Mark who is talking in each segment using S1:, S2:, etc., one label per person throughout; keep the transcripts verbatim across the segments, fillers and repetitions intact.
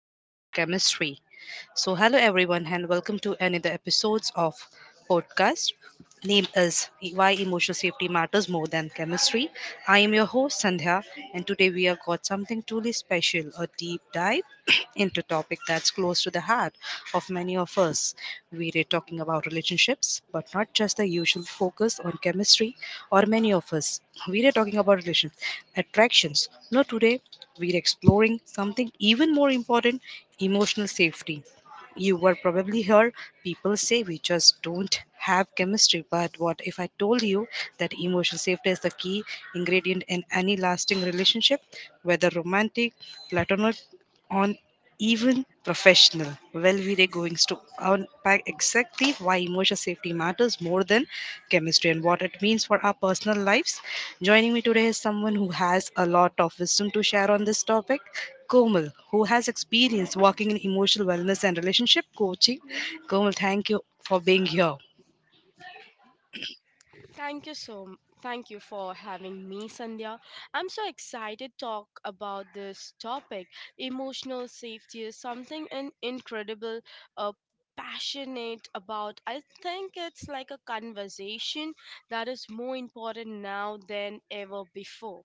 S1: more than the chemistry. So, hello everyone, and welcome to another episodes of podcast named as Why Emotional Safety Matters More Than Chemistry. I am your host Sandhya, and today we have got something truly special: a deep dive into topic that's close to the heart of many of us. We are talking about relationships, but not just the usual focus on chemistry. Or many of us, we are talking about relations, attractions. No, today we are exploring something even more important: emotional safety you were probably here. People say we just don't have chemistry. But what if I told you that emotional safety is the key ingredient in any lasting relationship, whether romantic, platonic, on even professional? Well, we're going to unpack exactly why emotional safety matters more than chemistry and what it means for our personal lives. Joining me today is someone who has a lot of wisdom to share on this topic. Komal, who has experience working in emotional wellness and relationship coaching. Komal, thank you for being here.
S2: Thank you so m- thank you for having me, Sandhya. I'm so excited to talk about this topic. Emotional safety is something an incredible uh, passionate about. I think it's like a conversation that is more important now than ever before.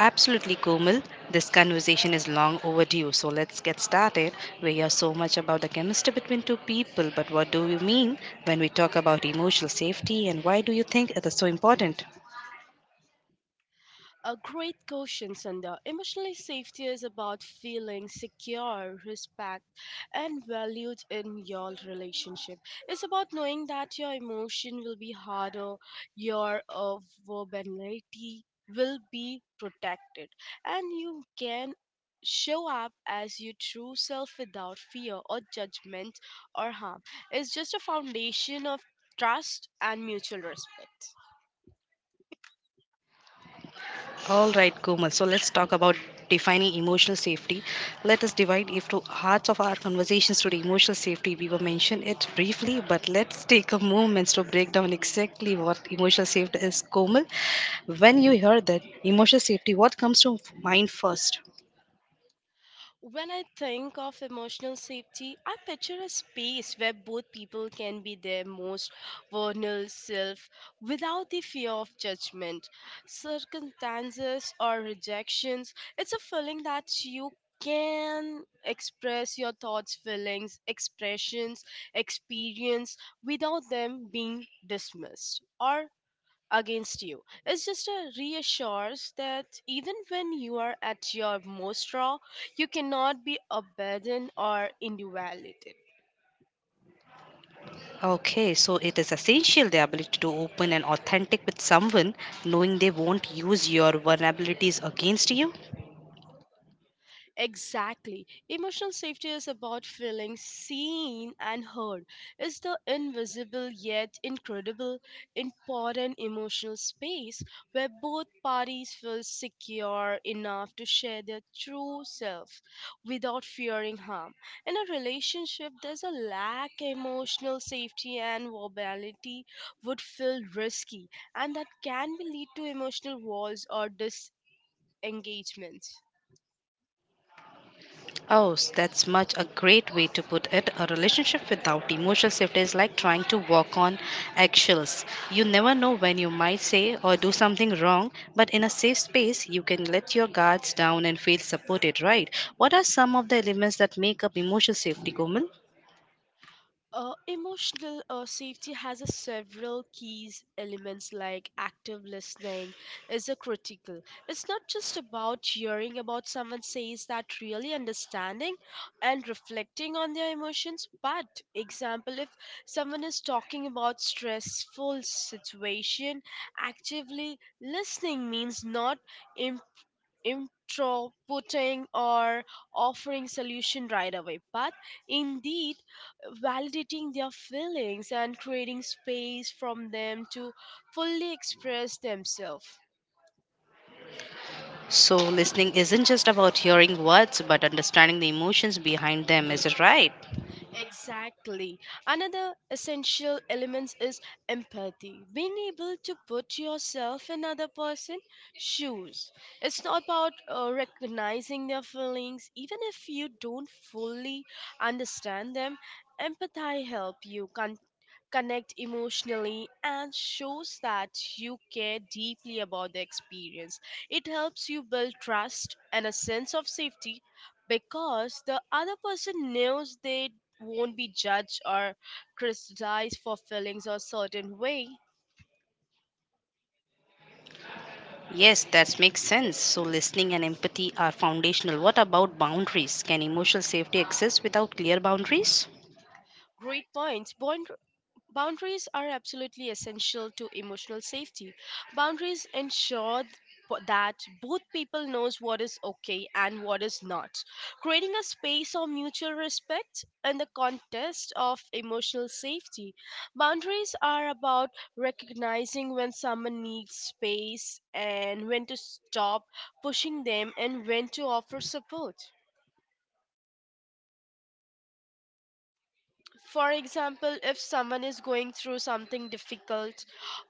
S1: Absolutely, Komal. This conversation is long overdue, so let's get started. We hear so much about the chemistry between two people, but what do we mean when we talk about emotional safety and why do you think it is so important?
S2: A great question, Sandhya. Emotional safety is about feeling secure, respect, and valued in your relationship. It's about knowing that your emotion will be harder, your uh, vulnerability will be protected, and you can show up as your true self without fear or judgment or harm. It's just a foundation of trust, and mutual respect.
S1: All right, Komal. So let's talk about defining emotional safety. Let us divide into hearts of our conversations today. Emotional safety, we will mention it briefly, but let's take a moment to break down exactly what emotional safety is, Komal. When you hear that emotional safety, what comes to mind first?
S2: When I think of emotional safety, I picture a space where both people can be their most vulnerable self without the fear of judgment, circumstances, or rejections. It's a feeling that you can express your thoughts, feelings, expressions, experience without them being dismissed or against you. It's just a reassurance that even when you are at your most raw, you cannot be abandoned or invalidated.
S1: Okay, so it is essential the ability to open and authentic with someone, knowing they won't use your vulnerabilities against you.
S2: Exactly. Emotional safety is about feeling seen and heard. It's the invisible yet incredible, important emotional space where both parties feel secure enough to share their true self without fearing harm. In a relationship, there's a lack emotional safety and vulnerability would feel risky, and that can be lead to emotional walls or disengagements.
S1: Oh, s- that's much a great way to put it. A relationship without emotional safety is like trying to walk on eggshells. You never know when you might say or do something wrong, but in a safe space, you can let your guards down and feel supported, right? What are some of the elements that make up emotional safety, Komal?
S2: Uh, emotional uh, safety has a several keys elements like active listening is a critical. It's not just about hearing about someone says that really understanding and reflecting on their emotions. But example, if someone is talking about stressful situation, actively listening means not introputing or offering solution right away but indeed validating their feelings and creating space from them to fully express themselves.
S1: So, listening isn't just about hearing words, but understanding the emotions behind them, is it right?
S2: Exactly. Another essential element is empathy. Being able to put yourself in other person's shoes. It's not about uh, recognizing their feelings, even if you don't fully understand them. Empathy help you connect emotionally, and shows that you care deeply about the experience. It helps you build trust and a sense of safety because the other person knows they won't be judged or criticized for feelings a certain way.
S1: Yes, that makes sense. So, listening and empathy are foundational. What about boundaries? Can emotional safety exist without clear boundaries?
S2: Great points. Bond Boundaries are absolutely essential to emotional safety. Boundaries ensure th- po- that both people knows what is okay and what is not. Creating a space of mutual respect in the context of emotional safety. Boundaries are about recognizing when someone needs space and when to stop pushing them and when to offer support. For example, if someone is going through something difficult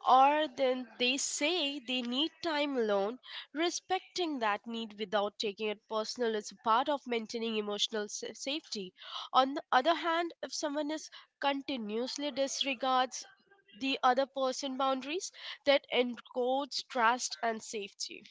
S2: or then they say they need time alone, respecting that need without taking it personal is a part of maintaining emotional sa- safety. On the other hand, if someone is continuously disregards the other person boundaries, that encodes trust and safety.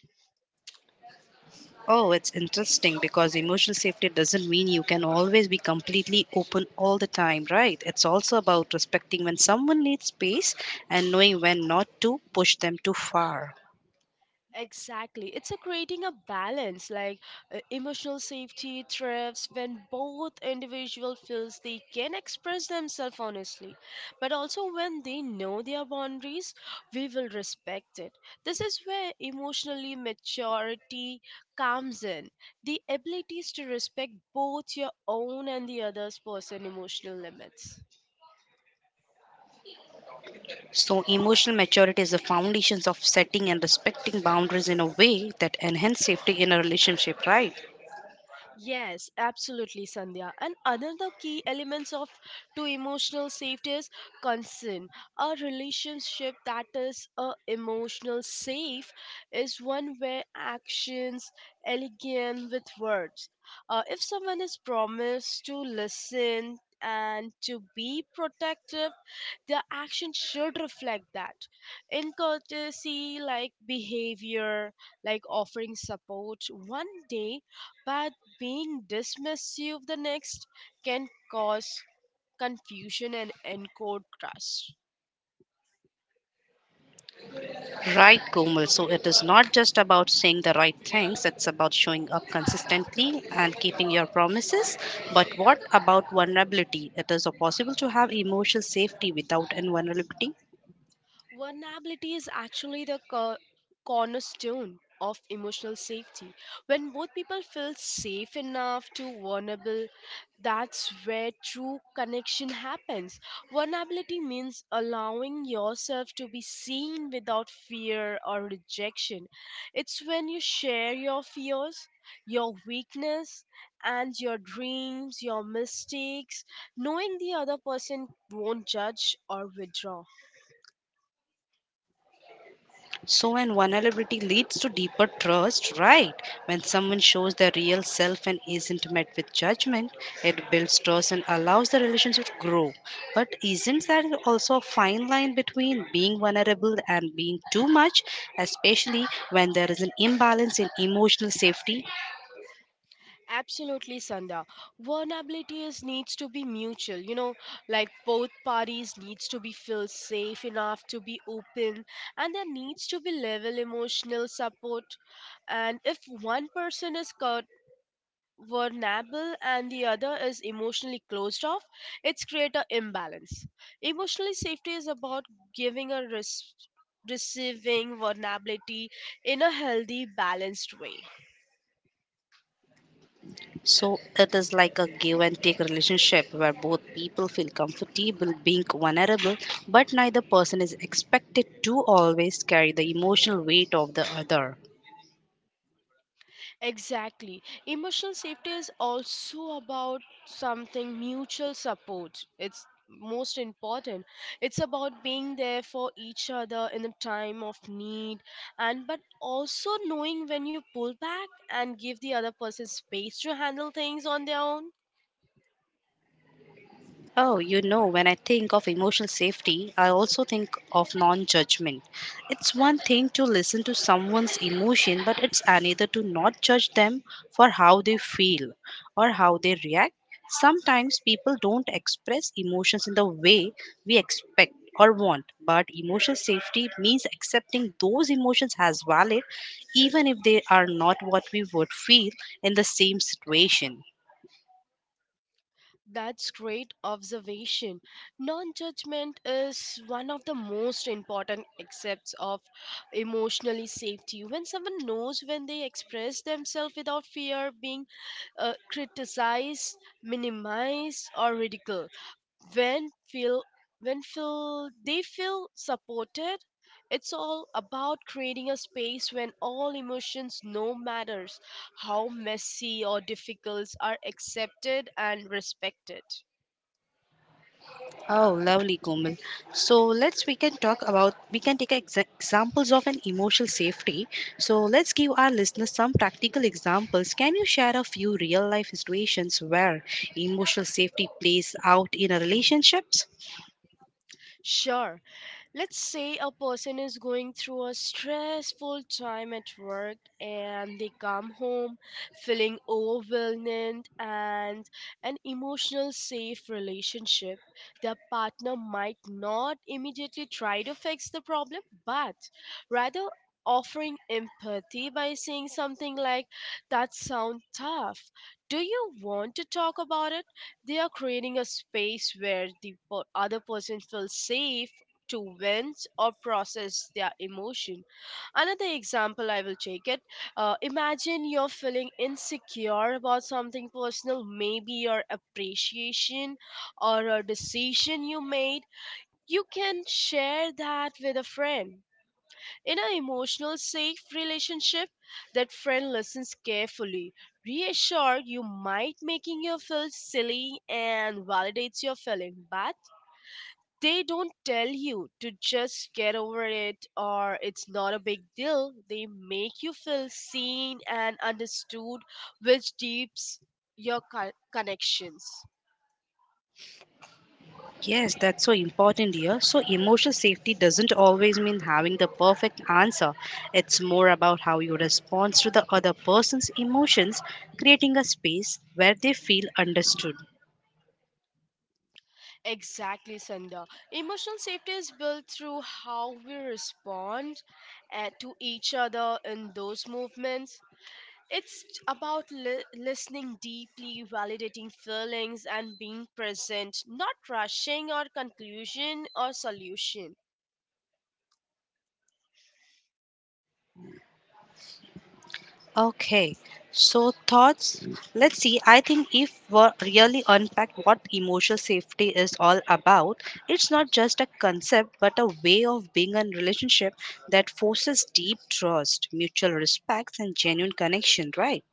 S1: Oh, it's interesting because emotional safety doesn't mean you can always be completely open all the time, right? It's also about respecting when someone needs space and knowing when not to push them too far.
S2: Exactly. It's a creating a balance like uh, emotional safety thrives when both individual feels they can express themselves honestly, but also when they know their boundaries, we will respect it. This is where emotionally maturity comes in. The abilities to respect both your own and the other's person emotional limits.
S1: So, emotional maturity is the foundations of setting and respecting boundaries in a way that enhance safety in a relationship, right?
S2: Yes, absolutely, Sandhya. And another key elements of to emotional safety is concern. A relationship that is a emotional safe is one where actions align with words. Uh, if someone is promised to listen and to be protective, their action should reflect that. In courtesy, like behavior, like offering support one day, but being dismissive the next can cause confusion and encode trust.
S1: Right, Komal. So it is not just about saying the right things, it's about showing up consistently and keeping your promises. But what about vulnerability? It is possible to have emotional safety without invulnerability.
S2: Vulnerability is actually the co- cornerstone of emotional safety. When both people feel safe enough to vulnerable, that's where true connection happens. Vulnerability means allowing yourself to be seen without fear or rejection. It's when you share your fears, your weakness, and your dreams, your mistakes, knowing the other person won't judge or withdraw.
S1: So, when vulnerability leads to deeper trust, right? When someone shows their real self and isn't met with judgment, it builds trust and allows the relationship to grow. But isn't there also a fine line between being vulnerable and being too much, especially when there is an imbalance in emotional safety?
S2: Absolutely, Sanda. Vulnerability is needs to be mutual. You know, like both parties needs to be feel safe enough to be open, and there needs to be level emotional support. And if one person is caught vulnerable and the other is emotionally closed off, it's create a imbalance. Emotionally safety is about giving a res- receiving vulnerability in a healthy, balanced way.
S1: So it is like a give and take relationship where both people feel comfortable being vulnerable, but neither person is expected to always carry the emotional weight of the other.
S2: Exactly. Emotional safety is also about something mutual support. It's most important. It's about being there for each other in the time of need and but also knowing when you pull back and give the other person space to handle things on their own.
S1: Oh, you know, when I think of emotional safety, I also think of non judgment. It's one thing to listen to someone's emotion, but it's another to not judge them for how they feel or how they react. Sometimes people don't express emotions in the way we expect or want, but emotional safety means accepting those emotions as valid, even if they are not what we would feel in the same situation.
S2: That's great observation. Non judgment is one of the most important accepts of emotionally safety. When someone knows when they express themselves without fear being uh, criticized, minimized, or ridiculed when feel when feel they feel supported, it's all about creating a space when all emotions, no matters how messy or difficult, are accepted and respected.
S1: Oh, lovely, Komal. So let's we can talk about we can take exa- examples of an emotional safety. So let's give our listeners some practical examples. Can you share a few real life situations where emotional safety plays out in a relationships?
S2: Sure. Let's say a person is going through a stressful time at work and they come home feeling overwhelmed and an emotional safe relationship. Their partner might not immediately try to fix the problem, but rather offering empathy by saying something like, that sounds tough, do you want to talk about it, they are creating a space where the per- other person feels safe to vent or process their emotion. Another example I will take it. Uh, imagine you're feeling insecure about something personal, maybe your appreciation or a decision you made. You can share that with a friend. In an emotional safe relationship, that friend listens carefully, reassure you might making you feel silly and validates your feeling, but they don't tell you to just get over it or it's not a big deal. They make you feel seen and understood, which deeps your co- connections.
S1: Yes, that's so important here. So emotional safety doesn't always mean having the perfect answer. It's more about how you respond to the other person's emotions, creating a space where they feel understood.
S2: Exactly, Sandha. Emotional safety is built through how we respond uh, to each other in those movements. It's about li- listening deeply, validating feelings, and being present, not rushing or conclusion or solution.
S1: Okay, so thoughts? Let's see. I think if we really unpack what emotional safety is all about, it's not just a concept but a way of being in relationship that forces deep trust, mutual respect, and genuine connection, right?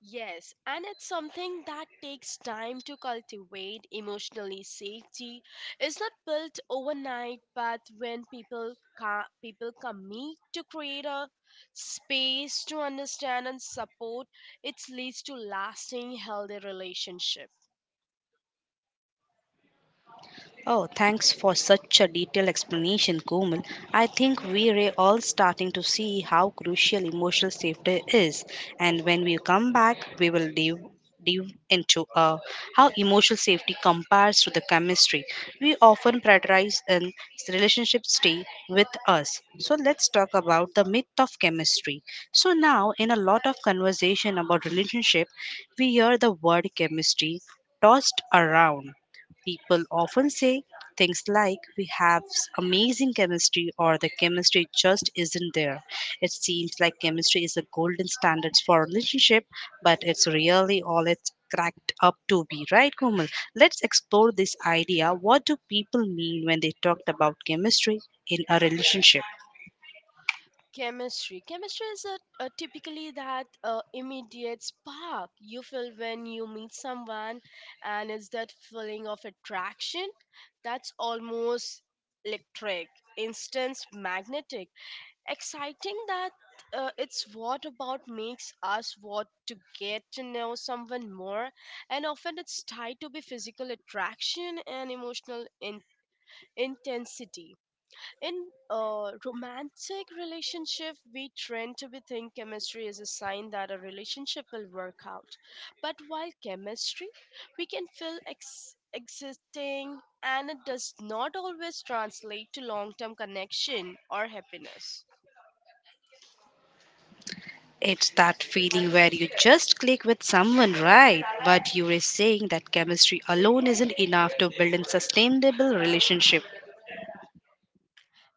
S2: Yes, and it's something that takes time to cultivate. Emotionally, safety is not built overnight, but when people ca- people commit to create a space to understand and support, it leads to lasting, healthy relationship.
S1: Oh, thanks for such a detailed explanation, Komal. I think we are all starting to see how crucial emotional safety is, and when we come back, we will dive dive into uh, how emotional safety compares to the chemistry we often prioritize in relationships. Stay with us. So let's talk about the myth of chemistry. So now in a lot of conversation about relationship we hear the word chemistry tossed around. People often say things like, we have s- amazing chemistry, or the chemistry just isn't there. It seems like chemistry is the golden standard for relationship, but it's really all it's cracked up to be, right, Komal? Let's explore this idea. What do people mean when they talked about chemistry in a relationship?
S2: Chemistry. Chemistry is a, a typically that uh, immediate spark you feel when you meet someone, and it's that feeling of attraction that's almost electric, instant, magnetic, exciting. That uh, it's what about makes us want to get to know someone more, and often it's tied to be physical attraction and emotional in- intensity. In a romantic relationship, we trend to be think chemistry is a sign that a relationship will work out. But while chemistry, we can feel ex- existing and it does not always translate to long term connection or happiness.
S1: It's that feeling where you just click with someone, right? But you are saying that chemistry alone isn't enough to build a sustainable relationship.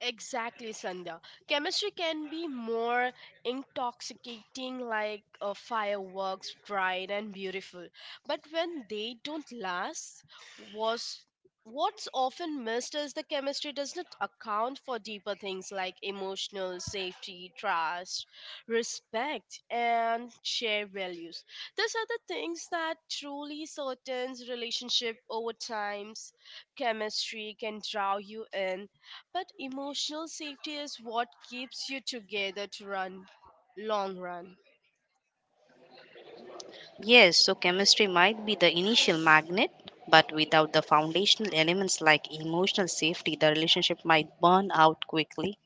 S2: Exactly, Sandhya. Chemistry can be more intoxicating, like uh, fireworks, bright and beautiful. But when they don't last, was what's often missed is the chemistry does not account for deeper things like emotional safety, trust, respect, and shared values. These are the things that truly certain relationship over times chemistry can draw you in but emotional safety is what keeps you together to run long run.
S1: Yes, so chemistry might be the initial magnet, but without the foundational elements like emotional safety, the relationship might burn out quickly.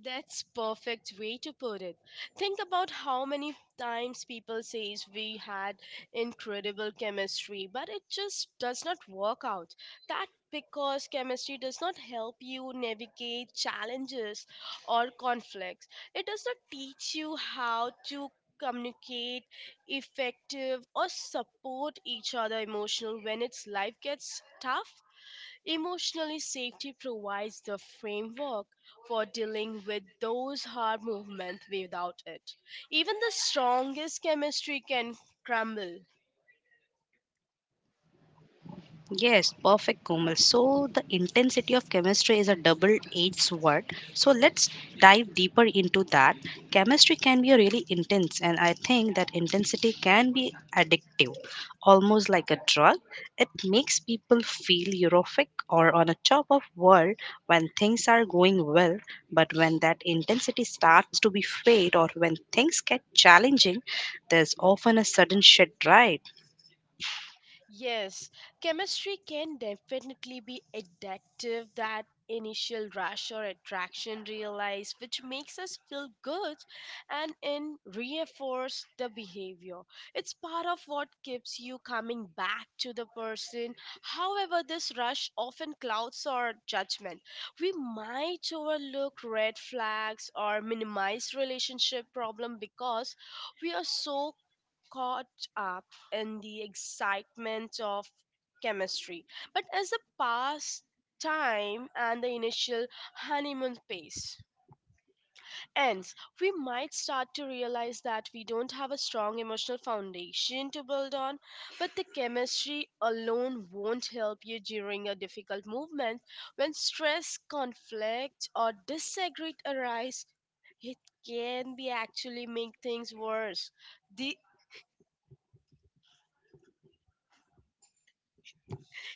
S2: That's perfect way to put it. Think about how many times people says we had incredible chemistry but it just does not work out. That because chemistry does not help you navigate challenges or conflicts. It does not teach you how to communicate effective or support each other emotional when its life gets tough. Emotionally, safety provides the framework for dealing with those hard movements without it. Even the strongest chemistry can crumble.
S1: Yes, perfect, Komal. So, the intensity of chemistry is a double edged sword. So, let's dive deeper into that. Chemistry can be really intense, and I think that intensity can be addictive, almost like a drug. It makes people feel euphoric or on a top of world when things are going well, but when that intensity starts to be fade or when things get challenging, there's often a sudden shit, right?
S2: Yes, chemistry can definitely be addictive. That initial rush or attraction realize, which makes us feel good and in reinforce the behavior. It's part of what keeps you coming back to the person. However, this rush often clouds our judgment. We might overlook red flags or minimize relationship problem because we are so caught up in the excitement of chemistry, but as the past time and the initial honeymoon phase ends, we might start to realize that we don't have a strong emotional foundation to build on, but the chemistry alone won't help you during a difficult movement when stress, conflict, or disagreement arise. It can be actually make things worse. The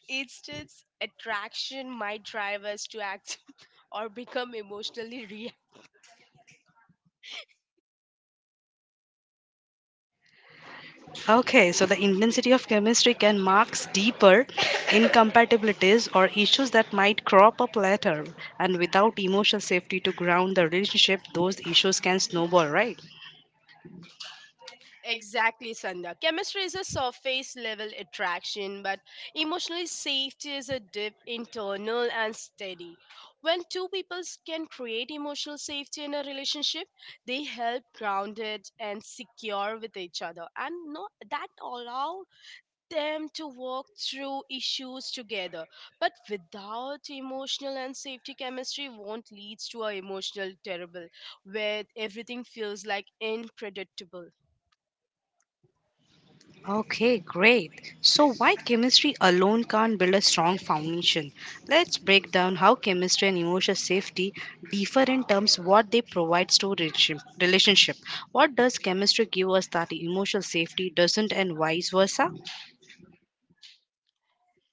S2: Instead, attraction might drive us to act or become emotionally reactive.
S1: Okay, so the intensity of chemistry can mark deeper incompatibilities or issues that might crop up later. And without emotional safety to ground the relationship, those issues can snowball, right?
S2: Exactly, Sandha. Chemistry is a surface level attraction, but emotional safety is a deep, internal, and steady. When two people can create emotional safety in a relationship, they help grounded and secure with each other, and no, that allow them to walk through issues together. But without emotional and safety chemistry won't lead to a emotional terrible where everything feels like unpredictable.
S1: Okay, great. So, why chemistry alone can't build a strong foundation? Let's break down how chemistry and emotional safety differ in terms what they provides to relation- relationship. What does chemistry give us that emotional safety doesn't, and vice versa?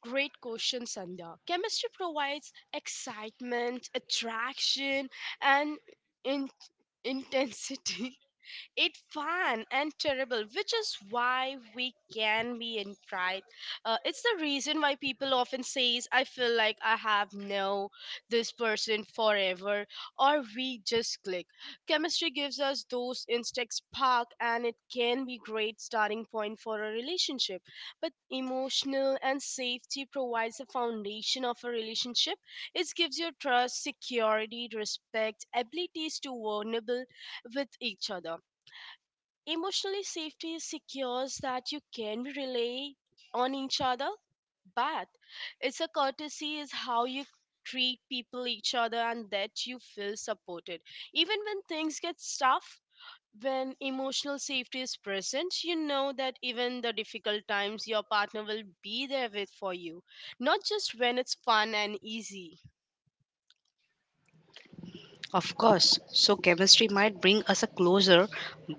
S2: Great question, Sandhya. Chemistry provides excitement, attraction, and in- intensity It's fun and terrible, which is why we can be in pride, uh, it's the reason why people often says I feel like I have no this person forever, or we just click. Chemistry gives us those instant spark, and it can be great starting point for a relationship, but emotional and safety provides the foundation of a relationship. It gives you trust, security, respect, abilities to vulnerable with each other. Emotionally, safety secures that you can rely on each other, but it's a courtesy is how you treat people each other and that you feel supported. Even when things get tough, when emotional safety is present, you know that even the difficult times your partner will be there with for you, not just when it's fun and easy.
S1: Of course. So chemistry might bring us a closer,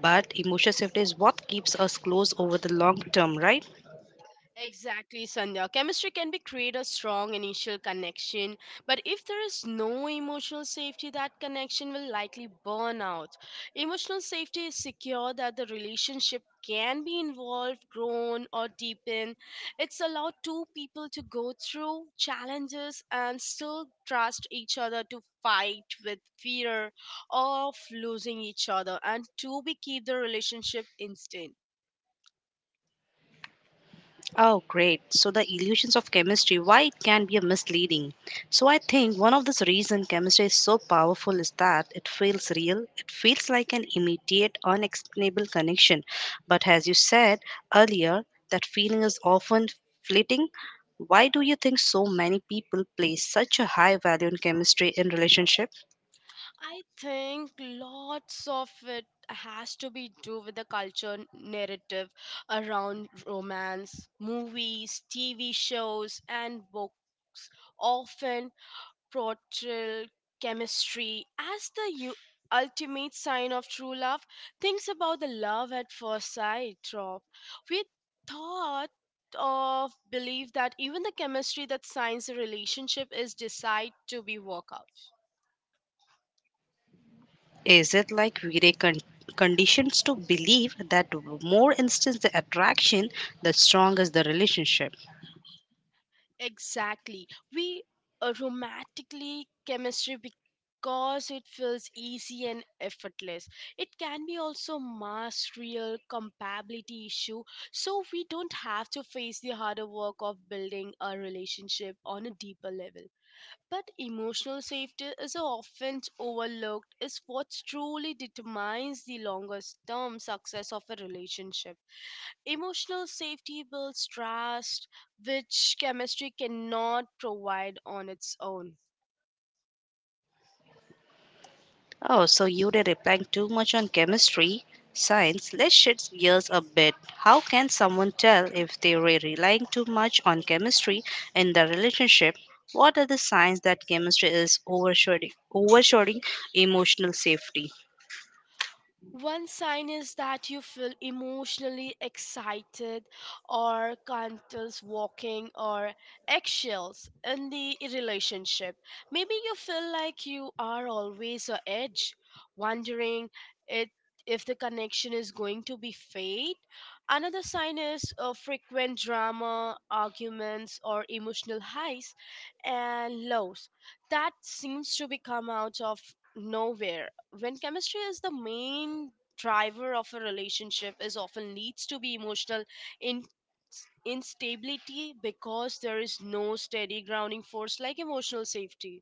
S1: but emotional safety is what keeps us close over the long term, right?
S2: Exactly, Sandhya. Chemistry can be create a strong initial connection, but if there is no emotional safety, that connection will likely burn out. Emotional safety is secure that the relationship can be involved, grown, or deepened. It's allowed two people to go through challenges and still trust each other to fight with fear of losing each other and to be keep the relationship instant.
S1: Oh, great. So the illusions of chemistry, why it can be a misleading. So I think one of the reason chemistry is so powerful is that it feels real. It feels like an immediate, unexplainable connection. But as you said earlier, that feeling is often fleeting. Why do you think so many people place such a high value in chemistry in relationship?
S2: I think lots of it has to be do with the culture narrative around romance, movies, T V shows, and books. Often portrayal chemistry as the u- ultimate sign of true love. Thinks about the love at first sight drop. We thought of believe that even the chemistry that signs a relationship is decide to be work out.
S1: Is it like we are con- conditioned to believe that more instance the attraction, the stronger the relationship?
S2: Exactly. We uh, romantically chemistry because it feels easy and effortless. It can be also mass real compatibility issue, so we don't have to face the harder work of building a relationship on a deeper level. But emotional safety is often overlooked, is what truly determines the longest term success of a relationship. Emotional safety builds trust, which chemistry cannot provide on its own.
S1: Oh, so you are replying too much on chemistry, science. Let's shift gears a bit. How can someone tell if they were relying too much on chemistry in the relationship? What are the signs that chemistry is overshadowing, overshadowing emotional safety?
S2: One sign is that you feel emotionally excited or countless walking or eggshells in the relationship. Maybe you feel like you are always on edge, wondering it, if the connection is going to be fade. Another sign is uh, frequent drama, arguments, or emotional highs and lows that seems to be come out of nowhere. When chemistry is the main driver of a relationship is often leads to be emotional in instability, because there is no steady grounding force like emotional safety.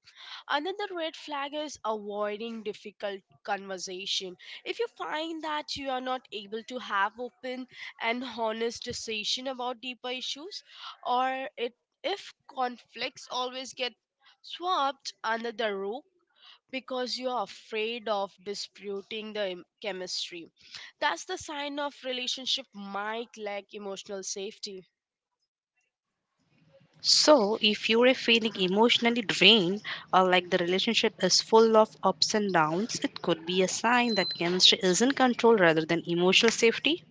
S2: Another red flag is avoiding difficult conversation. If you find that you are not able to have open and honest decision about deeper issues, or it if conflicts always get swept under the rug because you are afraid of disputing the em- chemistry. That's the sign of relationship might lack emotional safety.
S1: So, if you are feeling emotionally drained or like the relationship is full of ups and downs, it could be a sign that chemistry is in control rather than emotional safety.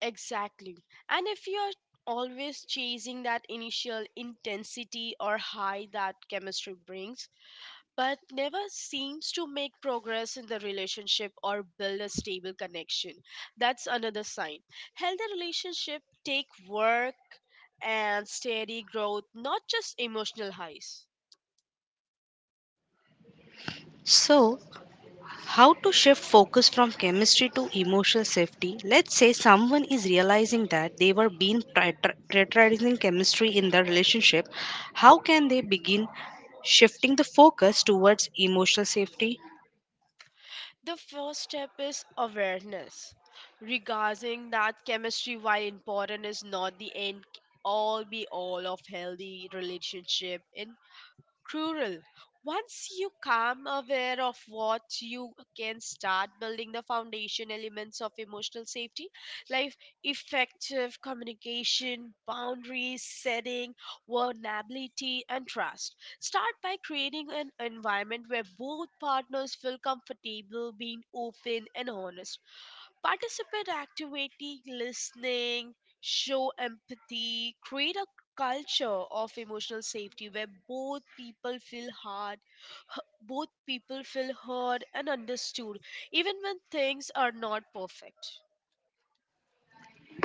S2: Exactly. And if you are always chasing that initial intensity or high that chemistry brings, but never seems to make progress in the relationship or build a stable connection, that's another sign. Healthy relationship take work and steady growth, not just emotional highs.
S1: So, how to shift focus from chemistry to emotional safety? Let's say someone is realizing that they were being pri- tri- prioritizing chemistry in their relationship. How can they begin shifting the focus towards emotional safety?
S2: The first step is awareness, regarding that chemistry, while important, is not the end all be all of healthy relationship. In cruel. Once you come aware of what you can start building the foundation elements of emotional safety, like effective communication, boundaries setting, vulnerability, and trust. Start by creating an environment where both partners feel comfortable being open and honest. Participate activity, listening, show empathy, create a culture of emotional safety where both people feel hard, h- both people feel heard and understood, even when things are not perfect.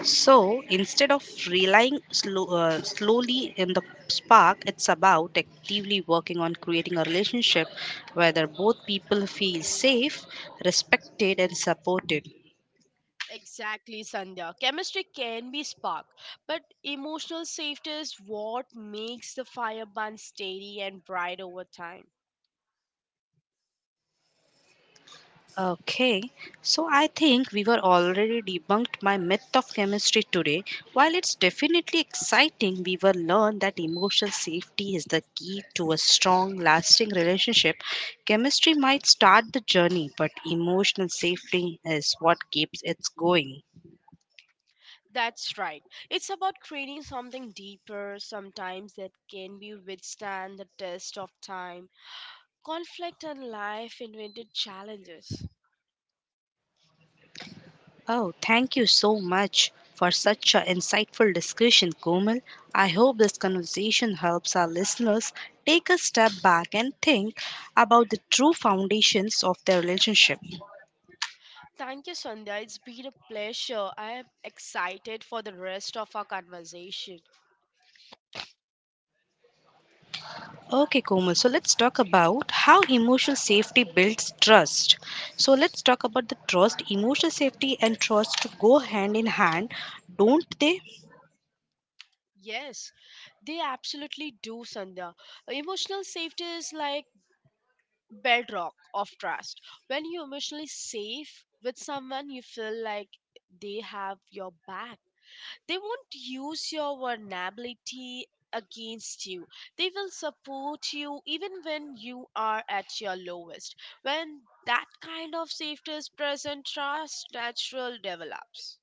S1: So instead of relying slow, uh, slowly in the spark, it's about actively working on creating a relationship where both people feel safe, respected, and supported.
S2: Exactly, Sandhya. Chemistry can be sparked, but emotional safety is what makes the fire burn steady and bright over time.
S1: Okay, so I think we were already debunked my myth of chemistry today. While it's definitely exciting, we were learned that emotional safety is the key to a strong, lasting relationship. Chemistry might start the journey, but emotional safety is what keeps it going.
S2: That's right. It's about creating something deeper sometimes that can be withstand the test of time, conflict and life invented challenges.
S1: Oh, thank you so much for such an insightful discussion, Komal. I hope this conversation helps our listeners take a step back and think about the true foundations of their relationship.
S2: Thank you, Sandhya. It's been a pleasure. I am excited for the rest of our conversation.
S1: Okay, Komal, so let's talk about how emotional safety builds trust. So let's talk about the trust. Emotional safety and trust go hand in hand, don't they?
S2: Yes, they absolutely do, Sandhya. Emotional safety is like bedrock of trust. When you're emotionally safe with someone, you feel like they have your back. They won't use your vulnerability against you. They will support you even when you are at your lowest. When that kind of safety is present, trust natural develops.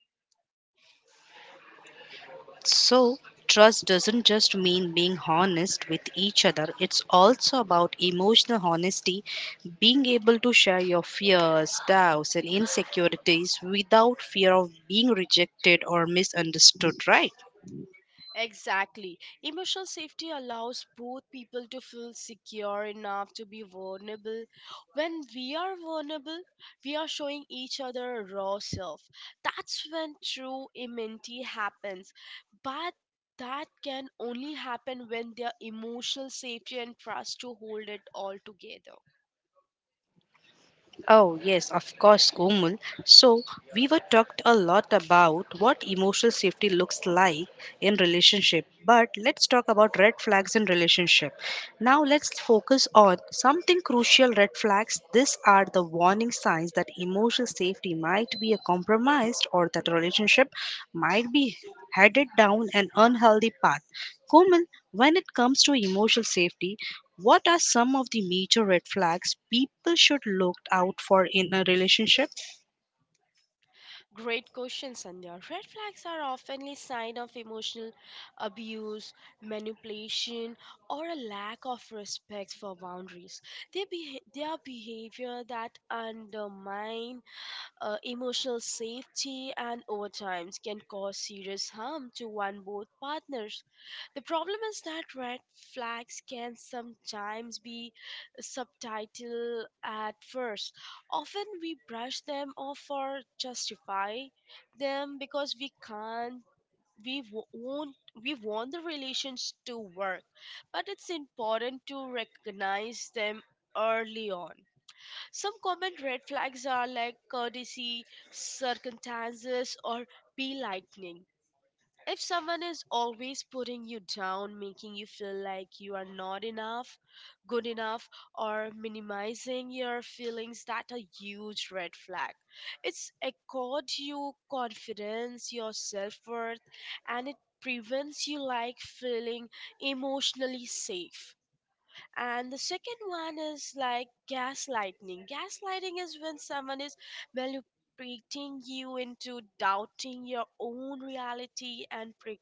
S1: So, trust doesn't just mean being honest with each other, it's also about emotional honesty. Being able to share your fears, doubts, and insecurities without fear of being rejected or misunderstood, right?
S2: Exactly. Emotional safety allows both people to feel secure enough to be vulnerable. When we are vulnerable, we are showing each other our raw self. That's when true immunity happens. But that can only happen when their emotional safety and trust to hold it all together.
S1: Oh, yes, of course, Komul. So, we were talked a lot about what emotional safety looks like in relationship, but let's talk about red flags in relationship. Now, let's focus on something crucial red flags. These are the warning signs that emotional safety might be a compromised or that relationship might be headed down an unhealthy path. Komul, when it comes to emotional safety, what are some of the major red flags people should look out for in a relationship?
S2: Great question, Sandhya. Red flags are often a sign of emotional abuse, manipulation, or a lack of respect for boundaries. They, beha- they are behavior that undermine uh, emotional safety and over time can cause serious harm to one both partners. The problem is that red flags can sometimes be subtitle at first. Often we brush them off or justify them because we can't we wo- won't, we want the relations to work, but it's important to recognize them early on. Some common red flags are like courtesy circumstances or be lightning. If someone is always putting you down, making you feel like you are not enough, good enough, or minimizing your feelings, that's a huge red flag. It's accord you confidence, your self worth, and it prevents you like feeling emotionally safe. And the second one is like gaslighting. Gaslighting is when someone is manipulating you into doubting your own reality and pre-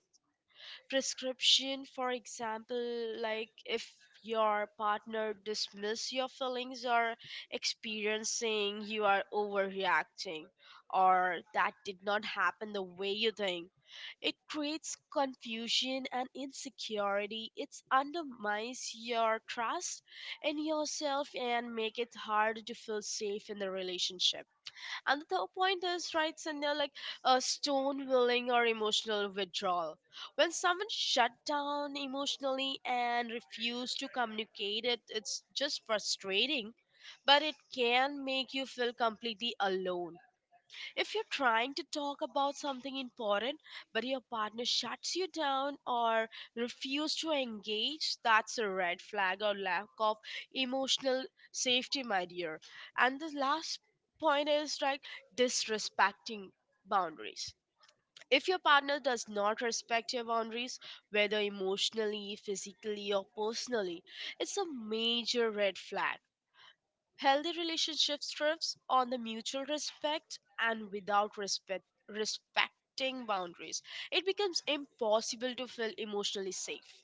S2: prescription. For example, like if your partner dismiss your feelings or experiencing you are overreacting, or that did not happen the way you think. It creates confusion and insecurity. It undermines your trust in yourself and make it hard to feel safe in the relationship. And the third point is right, Sandhya, like a stone willing or emotional withdrawal. When someone shut down emotionally and refuse to communicate it, it's just frustrating, but it can make you feel completely alone. If you're trying to talk about something important, but your partner shuts you down or refuses to engage, that's a red flag or lack of emotional safety, my dear. And the last point is like disrespecting boundaries. If your partner does not respect your boundaries, whether emotionally, physically, or personally, it's a major red flag. Healthy relationships thrives on the mutual respect, and without respect respecting boundaries, it becomes impossible to feel emotionally safe.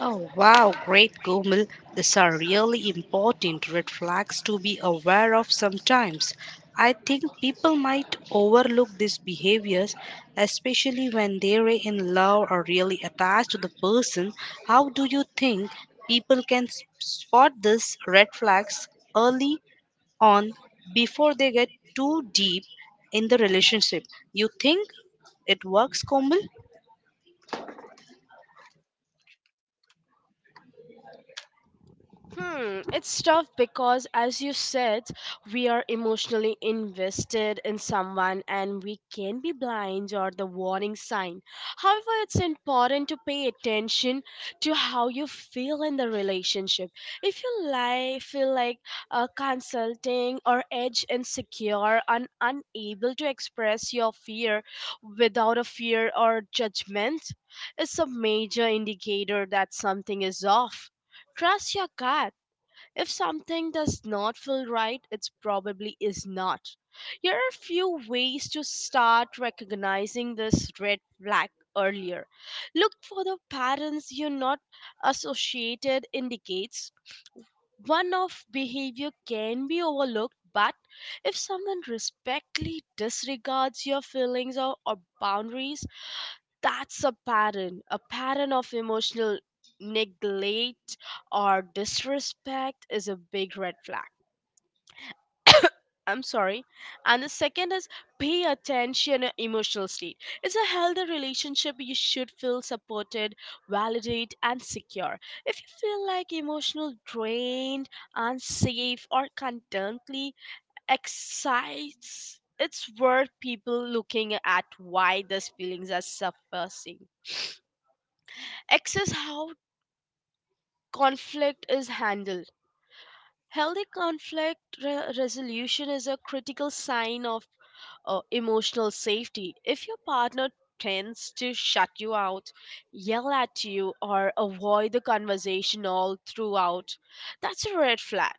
S1: Oh, wow, great Gomil. These are really important red flags to be aware of sometimes. I think people might overlook these behaviors, especially when they're in love or really attached to the person. How do you think people can s- spot these red flags early on before they get too deep in the relationship. You think it works, Komal?
S2: Hmm, it's tough because, as you said, we are emotionally invested in someone and we can be blind or the warning sign. However, it's important to pay attention to how you feel in the relationship. If you lie, feel like uh, consulting or edge insecure and unable to express your fear without a fear or judgment, it's a major indicator that something is off. Trust your gut. If something does not feel right, it probably is not. Here are a few ways to start recognizing this red flag earlier. Look for the patterns you're not associated indicates. One of behavior can be overlooked, but if someone respectfully disregards your feelings or, or boundaries, that's a pattern. A pattern of emotional neglect or disrespect is a big red flag. I'm sorry. And the second is, pay attention to emotional state. It's a healthy relationship, you should feel supported, validated and secure. If you feel like emotional drained, unsafe, or contently excites, it's worth people looking at why these feelings are surfacing. Access how conflict is handled. Healthy conflict re- resolution is a critical sign of uh, emotional safety. If your partner tends to shut you out, yell at you, or avoid the conversation all throughout, that's a red flag.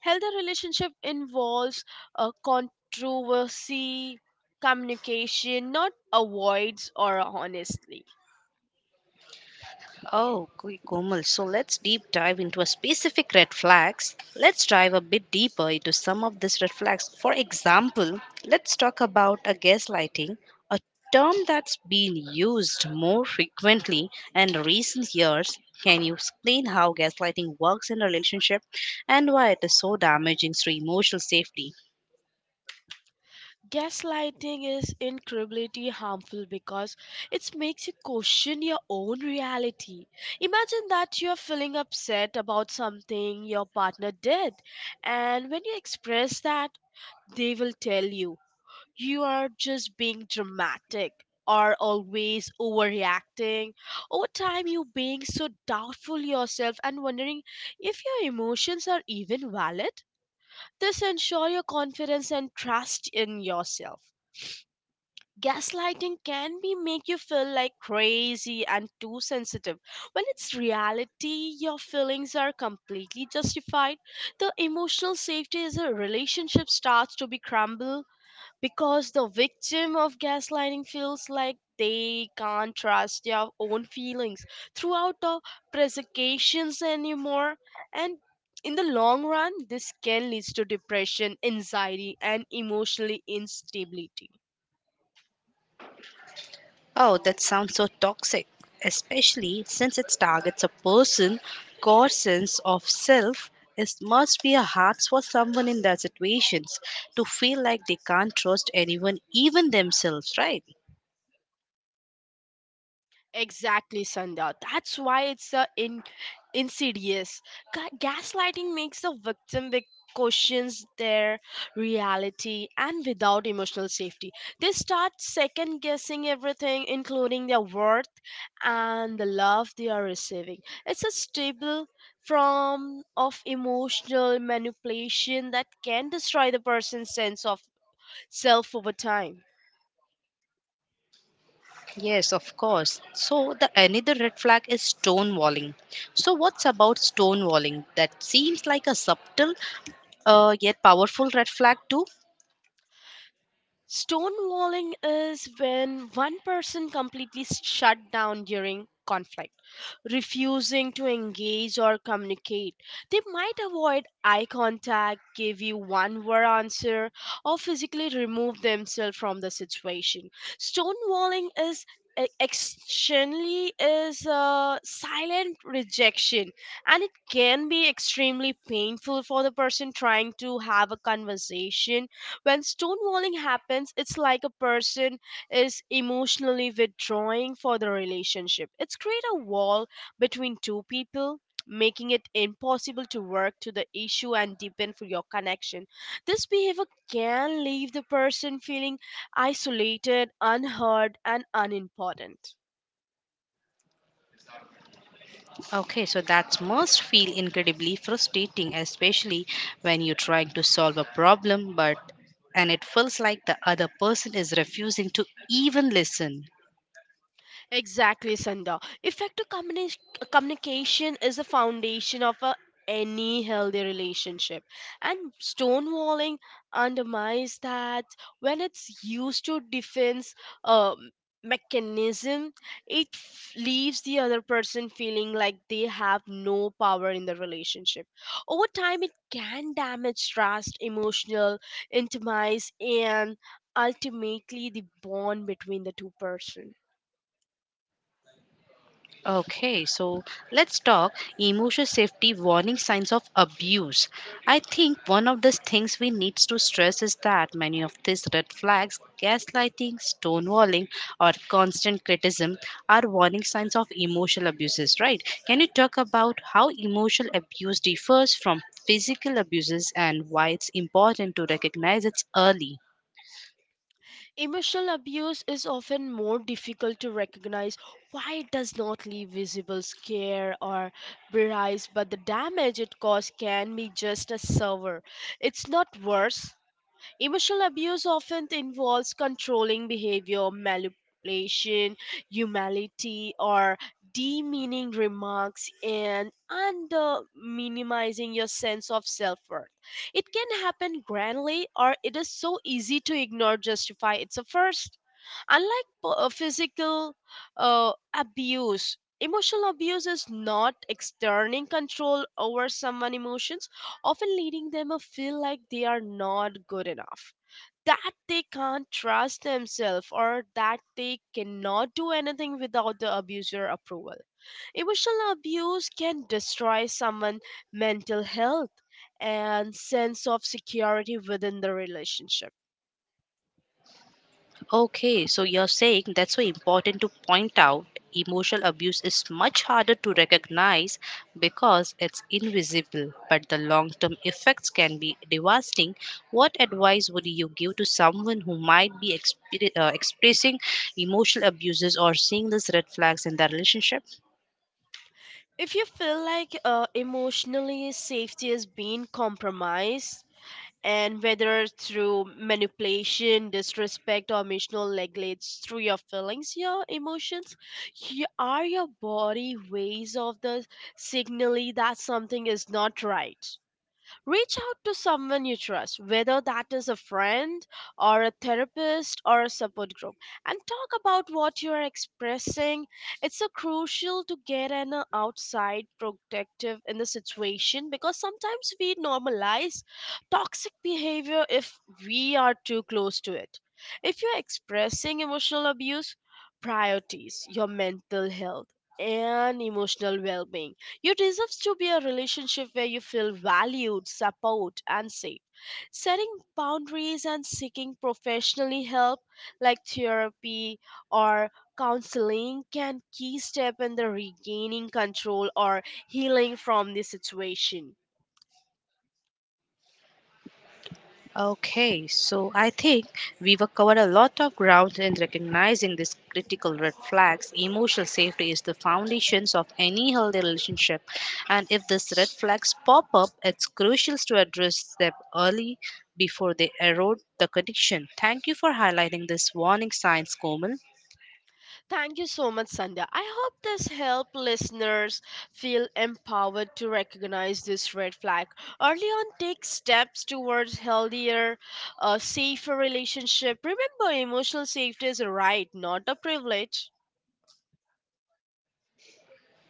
S2: Healthy relationship involves a controversy, communication, not avoids or honestly.
S1: Oh, K- Komal. So let's deep dive into a specific red flags. Let's dive a bit deeper into some of these red flags. For example, let's talk about a gaslighting, a term that's been used more frequently in recent years. Can you explain how gaslighting works in a relationship and why it is so damaging to emotional safety?
S2: Gaslighting is incredibly harmful because it makes you question your own reality. Imagine that you're feeling upset about something your partner did, and when you express that, they will tell you you are just being dramatic or always overreacting. Over time, you being so doubtful yourself and wondering if your emotions are even valid. This ensures your confidence and trust in yourself. Gaslighting can be make you feel like crazy and too sensitive. When it's reality, your feelings are completely justified. The emotional safety is a relationship starts to be crumble because the victim of gaslighting feels like they can't trust their own feelings throughout the prosecutions anymore. And in the long run, this can lead to depression, anxiety, and emotionally instability.
S1: Oh, that sounds so toxic, especially since it targets a person. Core sense of self is must be a hard for someone in their situations to feel like they can't trust anyone, even themselves, right?
S2: Exactly, Sandhya. That's why it's a in, insidious. Ga- gaslighting makes the victim be- questions their reality and without emotional safety. They start second guessing everything, including their worth and the love they are receiving. It's a stable form of emotional manipulation that can destroy the person's sense of self over time.
S1: Yes, of course. So the another red flag is stonewalling. So what's about stonewalling? That seems like a subtle uh, yet powerful red flag too.
S2: Stonewalling is when one person completely shut down during conflict, refusing to engage or communicate. They might avoid eye contact, give you one word answer, or physically remove themselves from the situation. Stonewalling is e- externally is a silent rejection, and it can be extremely painful for the person trying to have a conversation. When stonewalling happens, it's like a person is emotionally withdrawing for the relationship. It's create a wall between two people, making it impossible to work to the issue and deepen for your connection. This behavior can leave the person feeling isolated, unheard and unimportant.
S1: Okay, so that must feel incredibly frustrating, especially when you're trying to solve a problem, but and it feels like the other person is refusing to even listen.
S2: Exactly, Sandha. Effective communi- communication is the foundation of a, any healthy relationship, and stonewalling undermines that when it's used to defense um, mechanism. It f- leaves the other person feeling like they have no power in the relationship. Over time, it can damage trust, emotional intimacy, and ultimately the bond between the two persons.
S1: Okay, so let's talk emotional safety warning signs of abuse. I think one of the things we need to stress is that many of these red flags, gaslighting, stonewalling, or constant criticism, are warning signs of emotional abuses, right? Can you talk about how emotional abuse differs from physical abuses and why it's important to recognize it early?
S2: Emotional abuse is often more difficult to recognize. Why it does not leave visible scare or bruise, but the damage it causes can be just as severe. It's not worse. Emotional abuse often involves controlling behavior, manipulation, humility, or demeaning remarks, and under minimizing your sense of self worth. It can happen grandly, or it is so easy to ignore, justify its a first. Unlike p- uh, physical uh, abuse, emotional abuse is not exerting control over someone's emotions, often leading them to feel like they are not good enough, that they can't trust themselves, or that they cannot do anything without the abuser approval. Emotional abuse can destroy someone's mental health and sense of security within the relationship.
S1: Okay, so you're saying that's so important to point out emotional abuse is much harder to recognize because it's invisible, but the long term effects can be devastating. What advice would you give to someone who might be expe- uh, expressing emotional abuses or seeing these red flags in their relationship?
S2: If you feel like uh, emotionally safety is being compromised, and whether through manipulation, disrespect, or emotional neglect, through your feelings, your emotions, you are your body ways of the signaling that something is not right. Reach out to someone you trust, whether that is a friend or a therapist or a support group, and talk about what you are expressing. It's so crucial to get an uh, outside protective in the situation because sometimes we normalize toxic behavior if we are too close to it. If you're expressing emotional abuse, priorities your mental health and emotional well being, you deserve to be a relationship where you feel valued, support, and safe. Setting boundaries and seeking professionally help like therapy or counseling can key step in the regaining control or healing from the situation.
S1: Okay, so I think we have covered a lot of ground in recognizing these critical red flags. Emotional safety is the foundations of any healthy relationship, and if these red flags pop up, it's crucial to address them early before they erode the connection. Thank you for highlighting this warning signs, Komal.
S2: Thank you so much, Sandhya. I hope this helped listeners feel empowered to recognize this red flag. Early on, take steps towards healthier, uh, safer relationship. Remember, emotional safety is a right, not a privilege.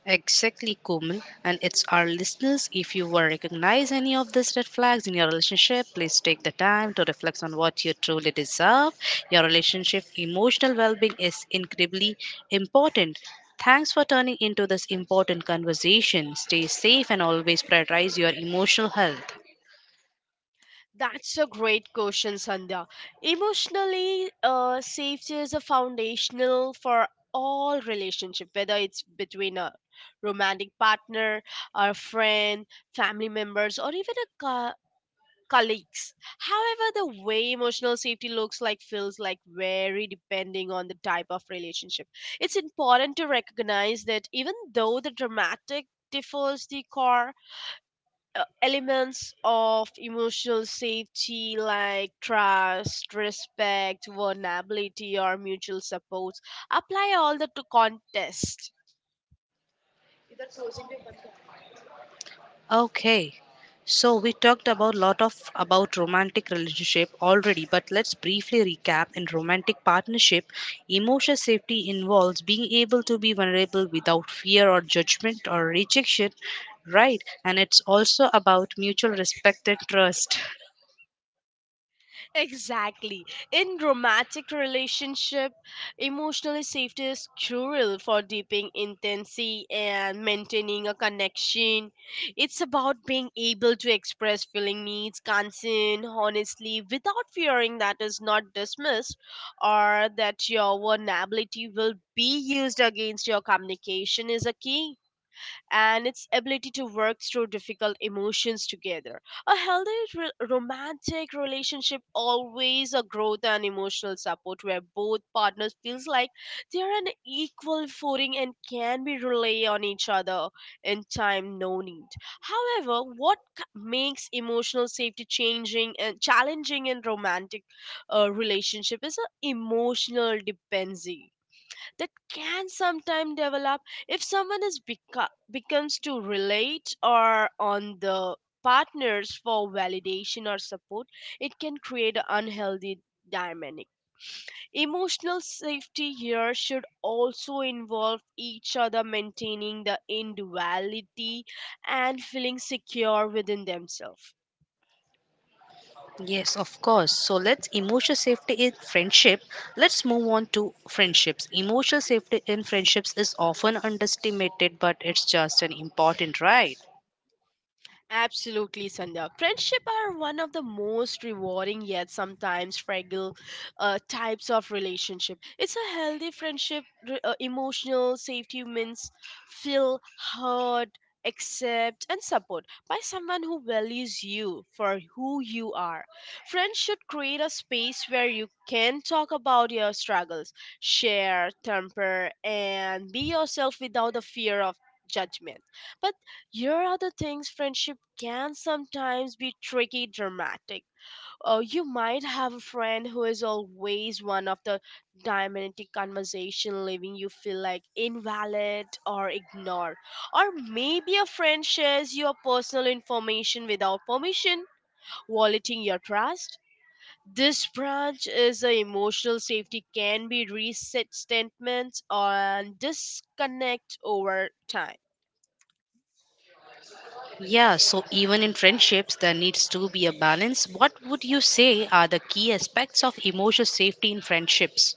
S1: Exactly, Komal. And it's our listeners. If you were recognize any of these red flags in your relationship, please take the time to reflect on what you truly deserve. Your relationship emotional well-being is incredibly important. Thanks for turning into this important conversation. Stay safe and always prioritize your emotional health.
S2: That's a great question, Sandhya. Emotionally, uh, safety is a foundational for all relationship, whether it's between a romantic partner, a friend, family members, or even a co- colleagues. However, the way emotional safety looks like feels like very depending on the type of relationship. It's important to recognize that even though the dramatic differs, the core uh, elements of emotional safety like trust, respect, vulnerability or mutual supports apply all the to contest.
S1: Okay. So we talked about lot of about romantic relationship already, but let's briefly recap. In romantic partnership, emotional safety involves being able to be vulnerable without fear or judgment or rejection, right? And it's also about mutual respect and trust.
S2: Exactly. In romantic relationship, emotional safety is crucial for deeping intimacy and maintaining a connection. It's about being able to express feeling needs, concern, honestly, without fearing that is not dismissed or that your vulnerability will be used against your communication is a key, and its ability to work through difficult emotions together. A healthy re- romantic relationship always a growth and emotional support where both partners feels like they are an equal footing and can be rely on each other in time no need. However, what c- makes emotional safety changing and challenging in romantic uh, relationship is an emotional dependency that can sometimes develop. If someone is beco- becomes to relate or on the partners for validation or support, it can create an unhealthy dynamic. Emotional safety here should also involve each other maintaining the individuality and feeling secure within themselves.
S1: Yes, of course. So let's emotional safety in friendship. Let's move on to friendships. Emotional safety in friendships is often underestimated, but it's just an important right.
S2: Absolutely, Sandhya. Friendship are one of the most rewarding yet sometimes fragile uh, types of relationship. It's a healthy friendship. Re- Uh, emotional safety means feel heard, accept, and support by someone who values you for who you are. Friends should create a space where you can talk about your struggles, share, temper, and be yourself without the fear of judgment. But here are the things friendship can sometimes be tricky dramatic. Oh, you might have a friend who is always one of the dominant dynamic conversation leaving you feel like invalid or ignored. Or maybe a friend shares your personal information without permission, violating your trust. This branch is a emotional safety can be reset statements and disconnect over time.
S1: Yeah, so even in friendships, there needs to be a balance. What would you say are the key aspects of emotional safety in friendships?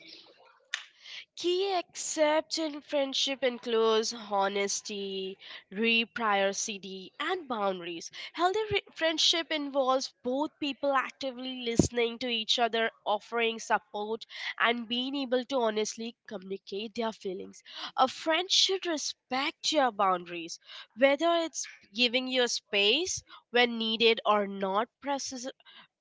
S2: Key accepts in friendship includes honesty, reciprocity, and boundaries. Healthy re- friendship involves both people actively listening to each other, offering support, and being able to honestly communicate their feelings. A friend should respect your boundaries, whether it's giving you space when needed or not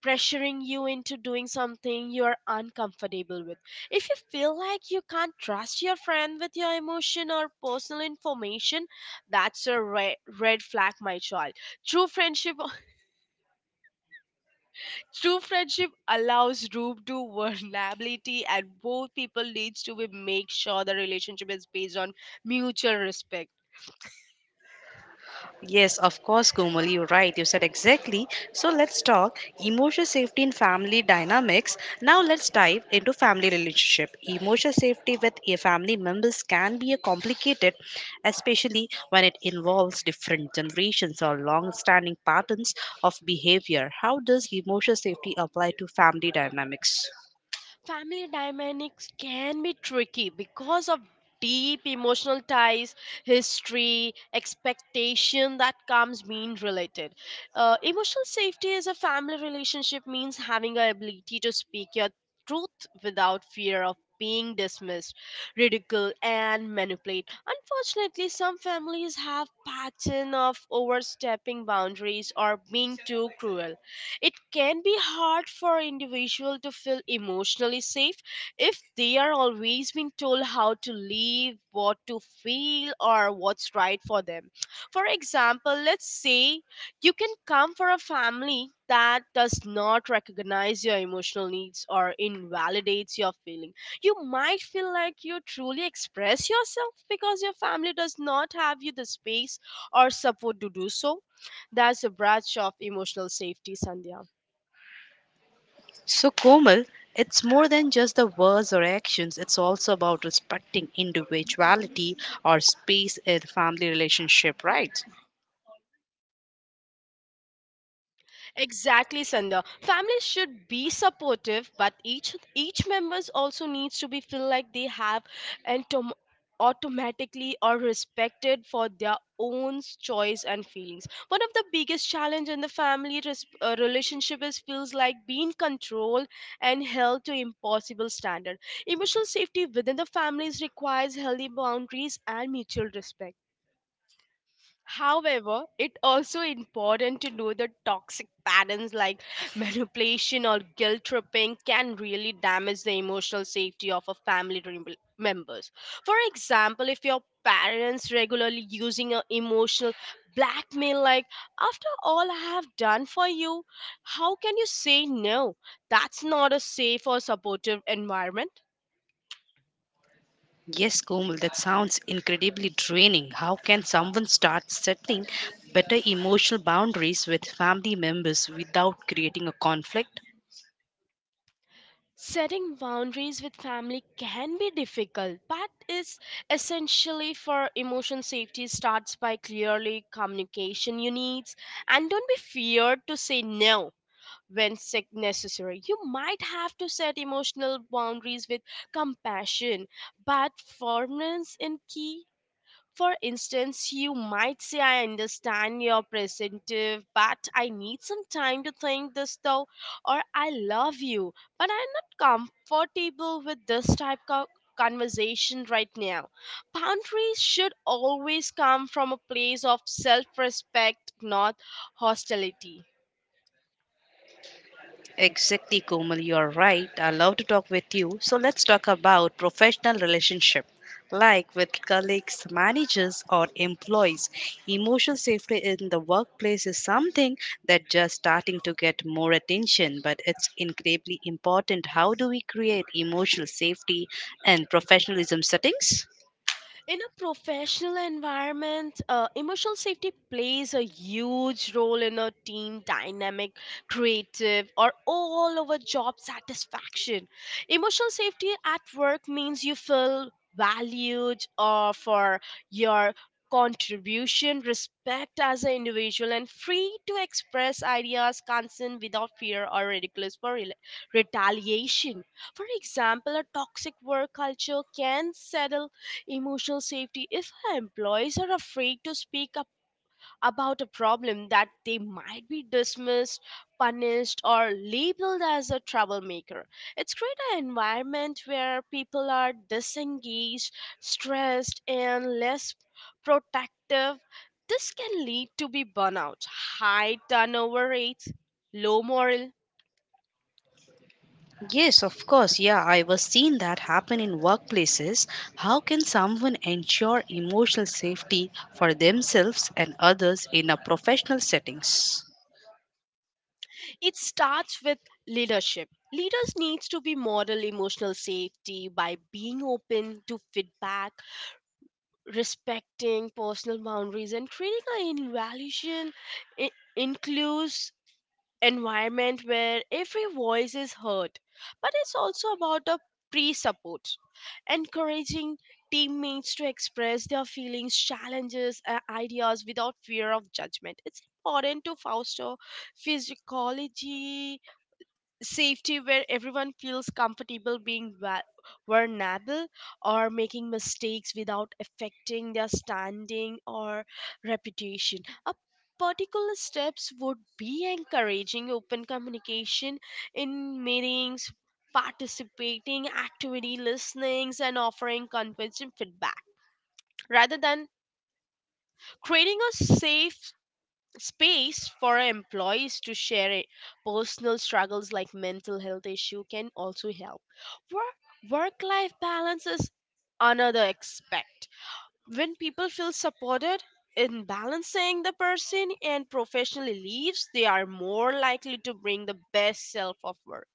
S2: pressuring you into doing something you're uncomfortable with. If you feel like you can't trust your friend with your emotion or personal information, that's a red, red flag, my child. True friendship true friendship allows room to vulnerability, and both people needs to be make sure the relationship is based on mutual respect.
S1: Yes, of course, Komal, you're right. You said exactly. So let's talk emotional safety in family dynamics. Now let's dive into family relationship. Emotional safety with a family members can be a complicated, especially when it involves different generations or long-standing patterns of behavior. How does emotional safety apply to family dynamics?
S2: Family dynamics can be tricky because of deep emotional ties, history expectation that comes being related. Uh, emotional safety as a family relationship means having the ability to speak your truth without fear of being dismissed, ridiculed and manipulated. Unfortunately, some families have pattern of overstepping boundaries or being too cruel. It can be hard for individual to feel emotionally safe if they are always being told how to live, what to feel, or what's right for them. For example, let's say you can come for a family that does not recognize your emotional needs or invalidates your feeling. You might feel like you truly express yourself because your family does not have you the space or support to do so. That's a branch of emotional safety, Sandhya.
S1: So, Komal, it's more than just the words or actions, it's also about respecting individuality or space in family relationship, right?
S2: Exactly, Sandhya. Families should be supportive, but each each members also needs to be feel like they have and to- automatically are respected for their own choice and feelings. One of the biggest challenge in the family res- uh, relationship is feels like being controlled and held to impossible standard. Emotional safety within the families requires healthy boundaries and mutual respect. However, it also important to know that toxic patterns like manipulation or guilt tripping can really damage the emotional safety of a family rem- members. For example, if your parents regularly using a emotional blackmail like, after all I have done for you, how can you say no? That's not a safe or supportive environment.
S1: Yes, Komal, that sounds incredibly draining. How can someone start setting better emotional boundaries with family members without creating a conflict?
S2: Setting boundaries with family can be difficult, but is essentially for emotion safety starts by clearly communication your needs, and don't be feared to say no when sick necessary. You might have to set emotional boundaries with compassion, but firmness in key. For instance, you might say, I understand your perspective, but I need some time to think this though, or I love you, but I'm not comfortable with this type of conversation right now. Boundaries should always come from a place of self respect, not hostility.
S1: Exactly, Komal, you are right. I love to talk with you. So let's talk about professional relationship, like with colleagues, managers, or employees. Emotional safety in the workplace is something that just starting to get more attention, but it's incredibly important. How do we create emotional safety and professionalism settings?
S2: In a professional environment, uh, emotional safety plays a huge role in a team dynamic, creative, or all over job satisfaction. Emotional safety at work means you feel valued uh, for your contribution, respect as an individual, and free to express ideas, concern without fear or ridiculous for rela- retaliation. For example, a toxic work culture can settle emotional safety if her employees are afraid to speak up about a problem that they might be dismissed, punished, or labeled as a troublemaker. It's create an environment where people are disengaged, stressed, and less protective. This can lead to be burnout, high turnover rates, low morale.
S1: Yes, of course. Yeah, I was seeing that happen in workplaces. How can someone ensure emotional safety for themselves and others in a professional settings?
S2: It starts with leadership. Leaders needs to be model emotional safety by being open to feedback, respecting personal boundaries, and creating an evaluation i- includes environment where every voice is heard. But it's also about a pre-support, encouraging teammates to express their feelings, challenges, and ideas without fear of judgment. It's important to foster physiology safety where everyone feels comfortable being va- vulnerable or making mistakes without affecting their standing or reputation. A particular steps would be encouraging open communication in meetings, participating activity listenings and offering constructive feedback rather than creating a safe space for employees to share it. Personal struggles like mental health issue can also help work. Work life balance is another aspect. When people feel supported in balancing the person and professional leaves, they are more likely to bring the best self of work.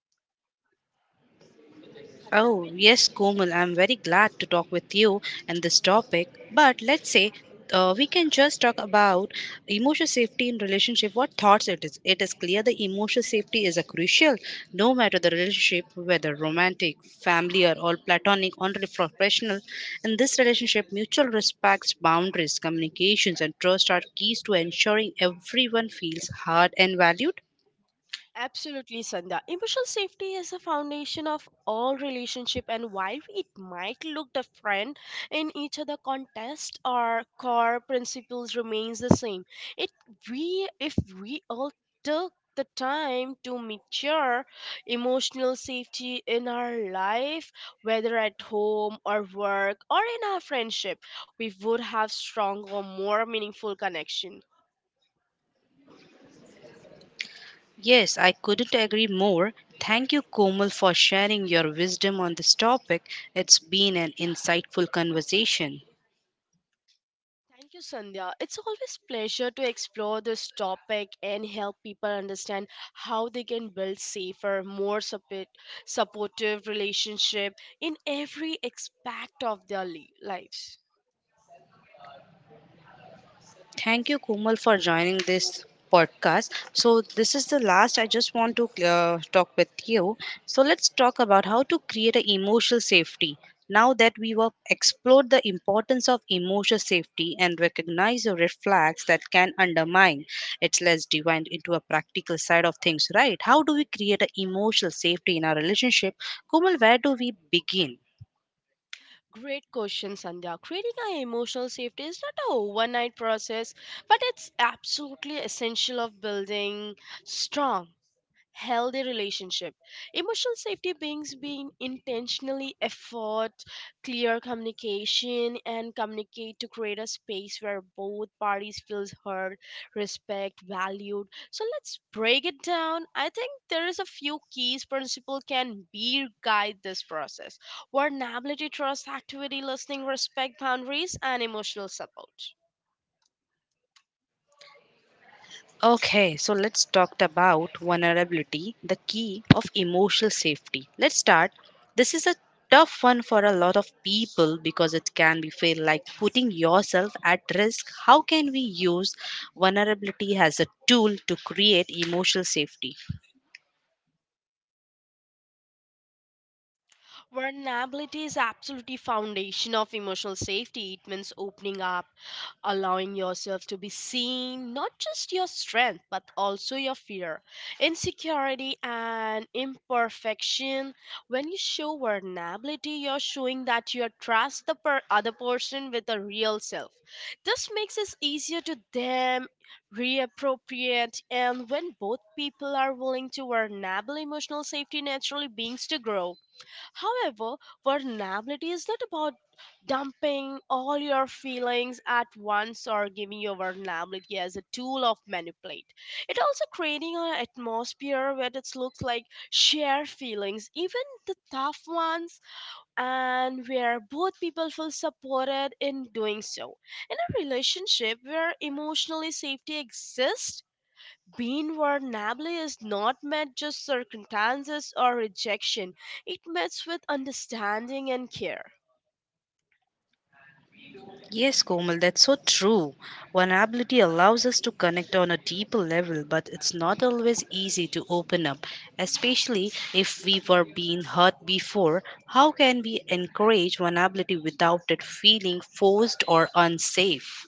S1: Oh, yes, Komal, I'm very glad to talk with you on this topic. But let's say uh, we can just talk about emotional safety in relationship. What thoughts it is? It is clear the emotional safety is a crucial, no matter the relationship, whether romantic, family, or all platonic, or professional. In this relationship, mutual respects, boundaries, communications, and trust are keys to ensuring everyone feels heard and valued.
S2: Absolutely, Sandhya. Emotional safety is the foundation of all relationship, and while it might look different in each other context, our core principles remains the same. It we if we all took the time to mature emotional safety in our life, whether at home or work or in our friendship, we would have stronger, more meaningful connection.
S1: Yes, I couldn't agree more. Thank you, Komal, for sharing your wisdom on this topic. It's been an insightful conversation.
S2: Thank you, Sandhya. It's always pleasure to explore this topic and help people understand how they can build safer, more support, supportive relationship in every aspect of their li- lives.
S1: Thank you, Komal, for joining this podcast. So, this is the last I just want to uh, talk with you. So, let's talk about how to create a emotional safety. Now that we have explored the importance of emotional safety and recognize the red flags that can undermine its less divine into a practical side of things, right? How do we create an emotional safety in our relationship? Komal, where do we begin?
S2: Great question, Sandhya. Creating an emotional safety is not a overnight process, but it's absolutely essential of building strong healthy relationship. Emotional safety brings being intentionally effort, clear communication and communicate to create a space where both parties feels heard, respect valued. So let's break it down. I think there is a few keys principle can be guide this process: vulnerability, trust, activity listening, respect boundaries and emotional support.
S1: Okay, so let's talk about vulnerability, the key of emotional safety. Let's start. This is a tough one for a lot of people because it can be feel like putting yourself at risk. How can we use vulnerability as a tool to create emotional safety?
S2: Vulnerability is absolutely foundation of emotional safety. It means opening up, allowing yourself to be seen, not just your strength but also your fear, insecurity and imperfection. When you show vulnerability, you're showing that you trust the per- other person with a real self. This makes it easier to them reappropriate, and when both people are willing to vulnerable, emotional safety naturally begins to grow. However, vulnerability is not about dumping all your feelings at once or giving your vulnerability as a tool of manipulate. It also creating an atmosphere where it looks like shared feelings, even the tough ones, and where both people feel supported in doing so. In a relationship where emotionally safety exists, being vulnerable is not met just circumstances or rejection. It meets with understanding and care.
S1: Yes, Komal, that's so true. Vulnerability allows us to connect on a deeper level, but it's not always easy to open up, especially if we were being hurt before. How can we encourage vulnerability without it feeling forced or unsafe?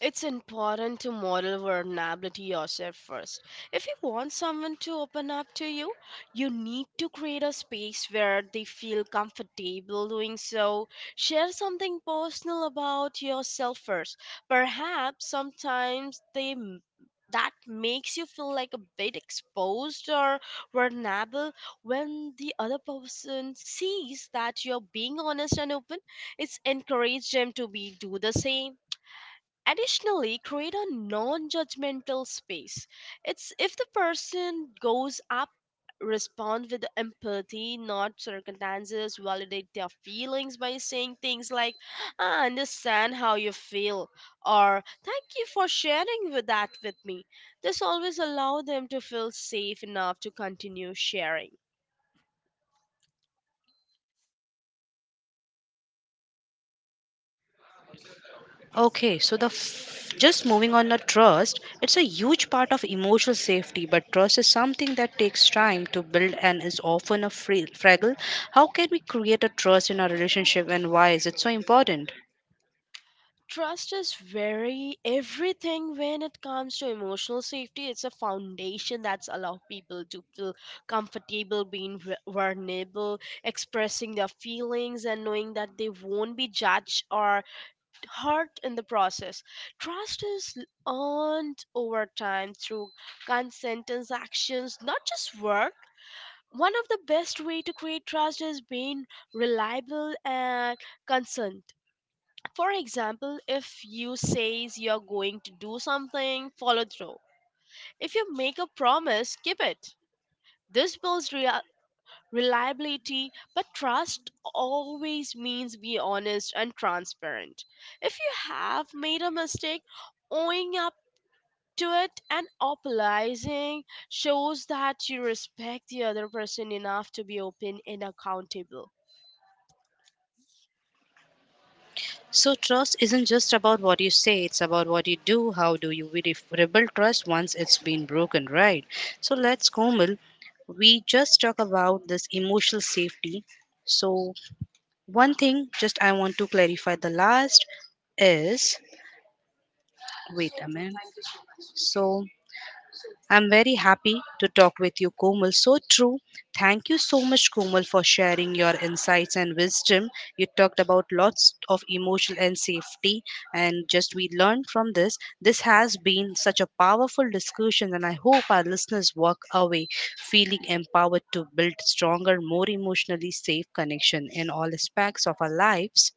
S2: It's important to model vulnerability yourself first. If you want someone to open up to you, you need to create a space where they feel comfortable doing so. Share something personal about yourself first. Perhaps sometimes they m- that makes you feel like a bit exposed or vulnerable. When the other person sees that you're being honest and open, it's encourage them to be do the same. Additionally, create a non judgmental space. It's if the person goes up, respond with empathy, not circumstances, validate their feelings by saying things like, I understand how you feel, or thank you for sharing with that with me. This always allow them to feel safe enough to continue sharing.
S1: Okay, so the f- just moving on to trust, it's a huge part of emotional safety, but trust is something that takes time to build and is often a fra- fragile. How can we create a trust in our relationship and why is it so important?
S2: Trust is very everything when it comes to emotional safety. It's a foundation that's allow people to feel comfortable being vu- vulnerable, expressing their feelings, and knowing that they won't be judged or hurt in the process. Trust is earned over time through consent and actions, not just work. One of the best way to create trust is being reliable and consent. For example, if you says you're going to do something, follow through. If you make a promise, keep it. This builds rea- reliability, but trust always means be honest and transparent. If you have made a mistake, owning up to it and apologizing shows that you respect the other person enough to be open and accountable.
S1: So trust isn't just about what you say, it's about what you do. How do you re- rebuild trust once it's been broken, right? So let's Komal, we just talk about this emotional safety. So one thing just I want to clarify the last is wait a minute. So I'm very happy to talk with you, Komal. So true. Thank you so much, Komal, for sharing your insights and wisdom. You talked about lots of emotional and safety, and just we learned from this. This has been such a powerful discussion, and I hope our listeners walk away feeling empowered to build stronger, more emotionally safe connection in all aspects of our lives.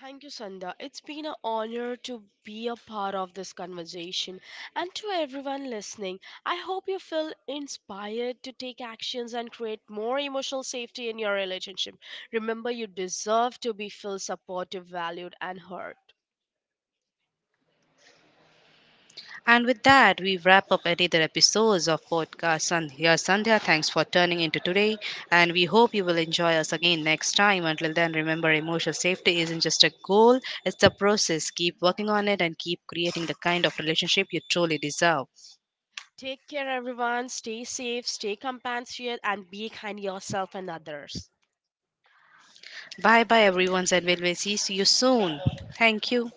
S2: Thank you, Sandha. It's been an honor to be a part of this conversation. And to everyone listening, I hope you feel inspired to take actions and create more emotional safety in your relationship. Remember, you deserve to be feel supported, valued, and heard.
S1: And with that, we wrap up another episodes of podcast Sandhya. Here, Sandhya, thanks for turning into today, and we hope you will enjoy us again next time. Until then, remember, emotional safety isn't just a goal; it's a process. Keep working on it and keep creating the kind of relationship you truly deserve.
S2: Take care, everyone. Stay safe, stay compassionate, and be kind to yourself and others.
S1: Bye, bye, everyone, and we'll see you soon. Thank you.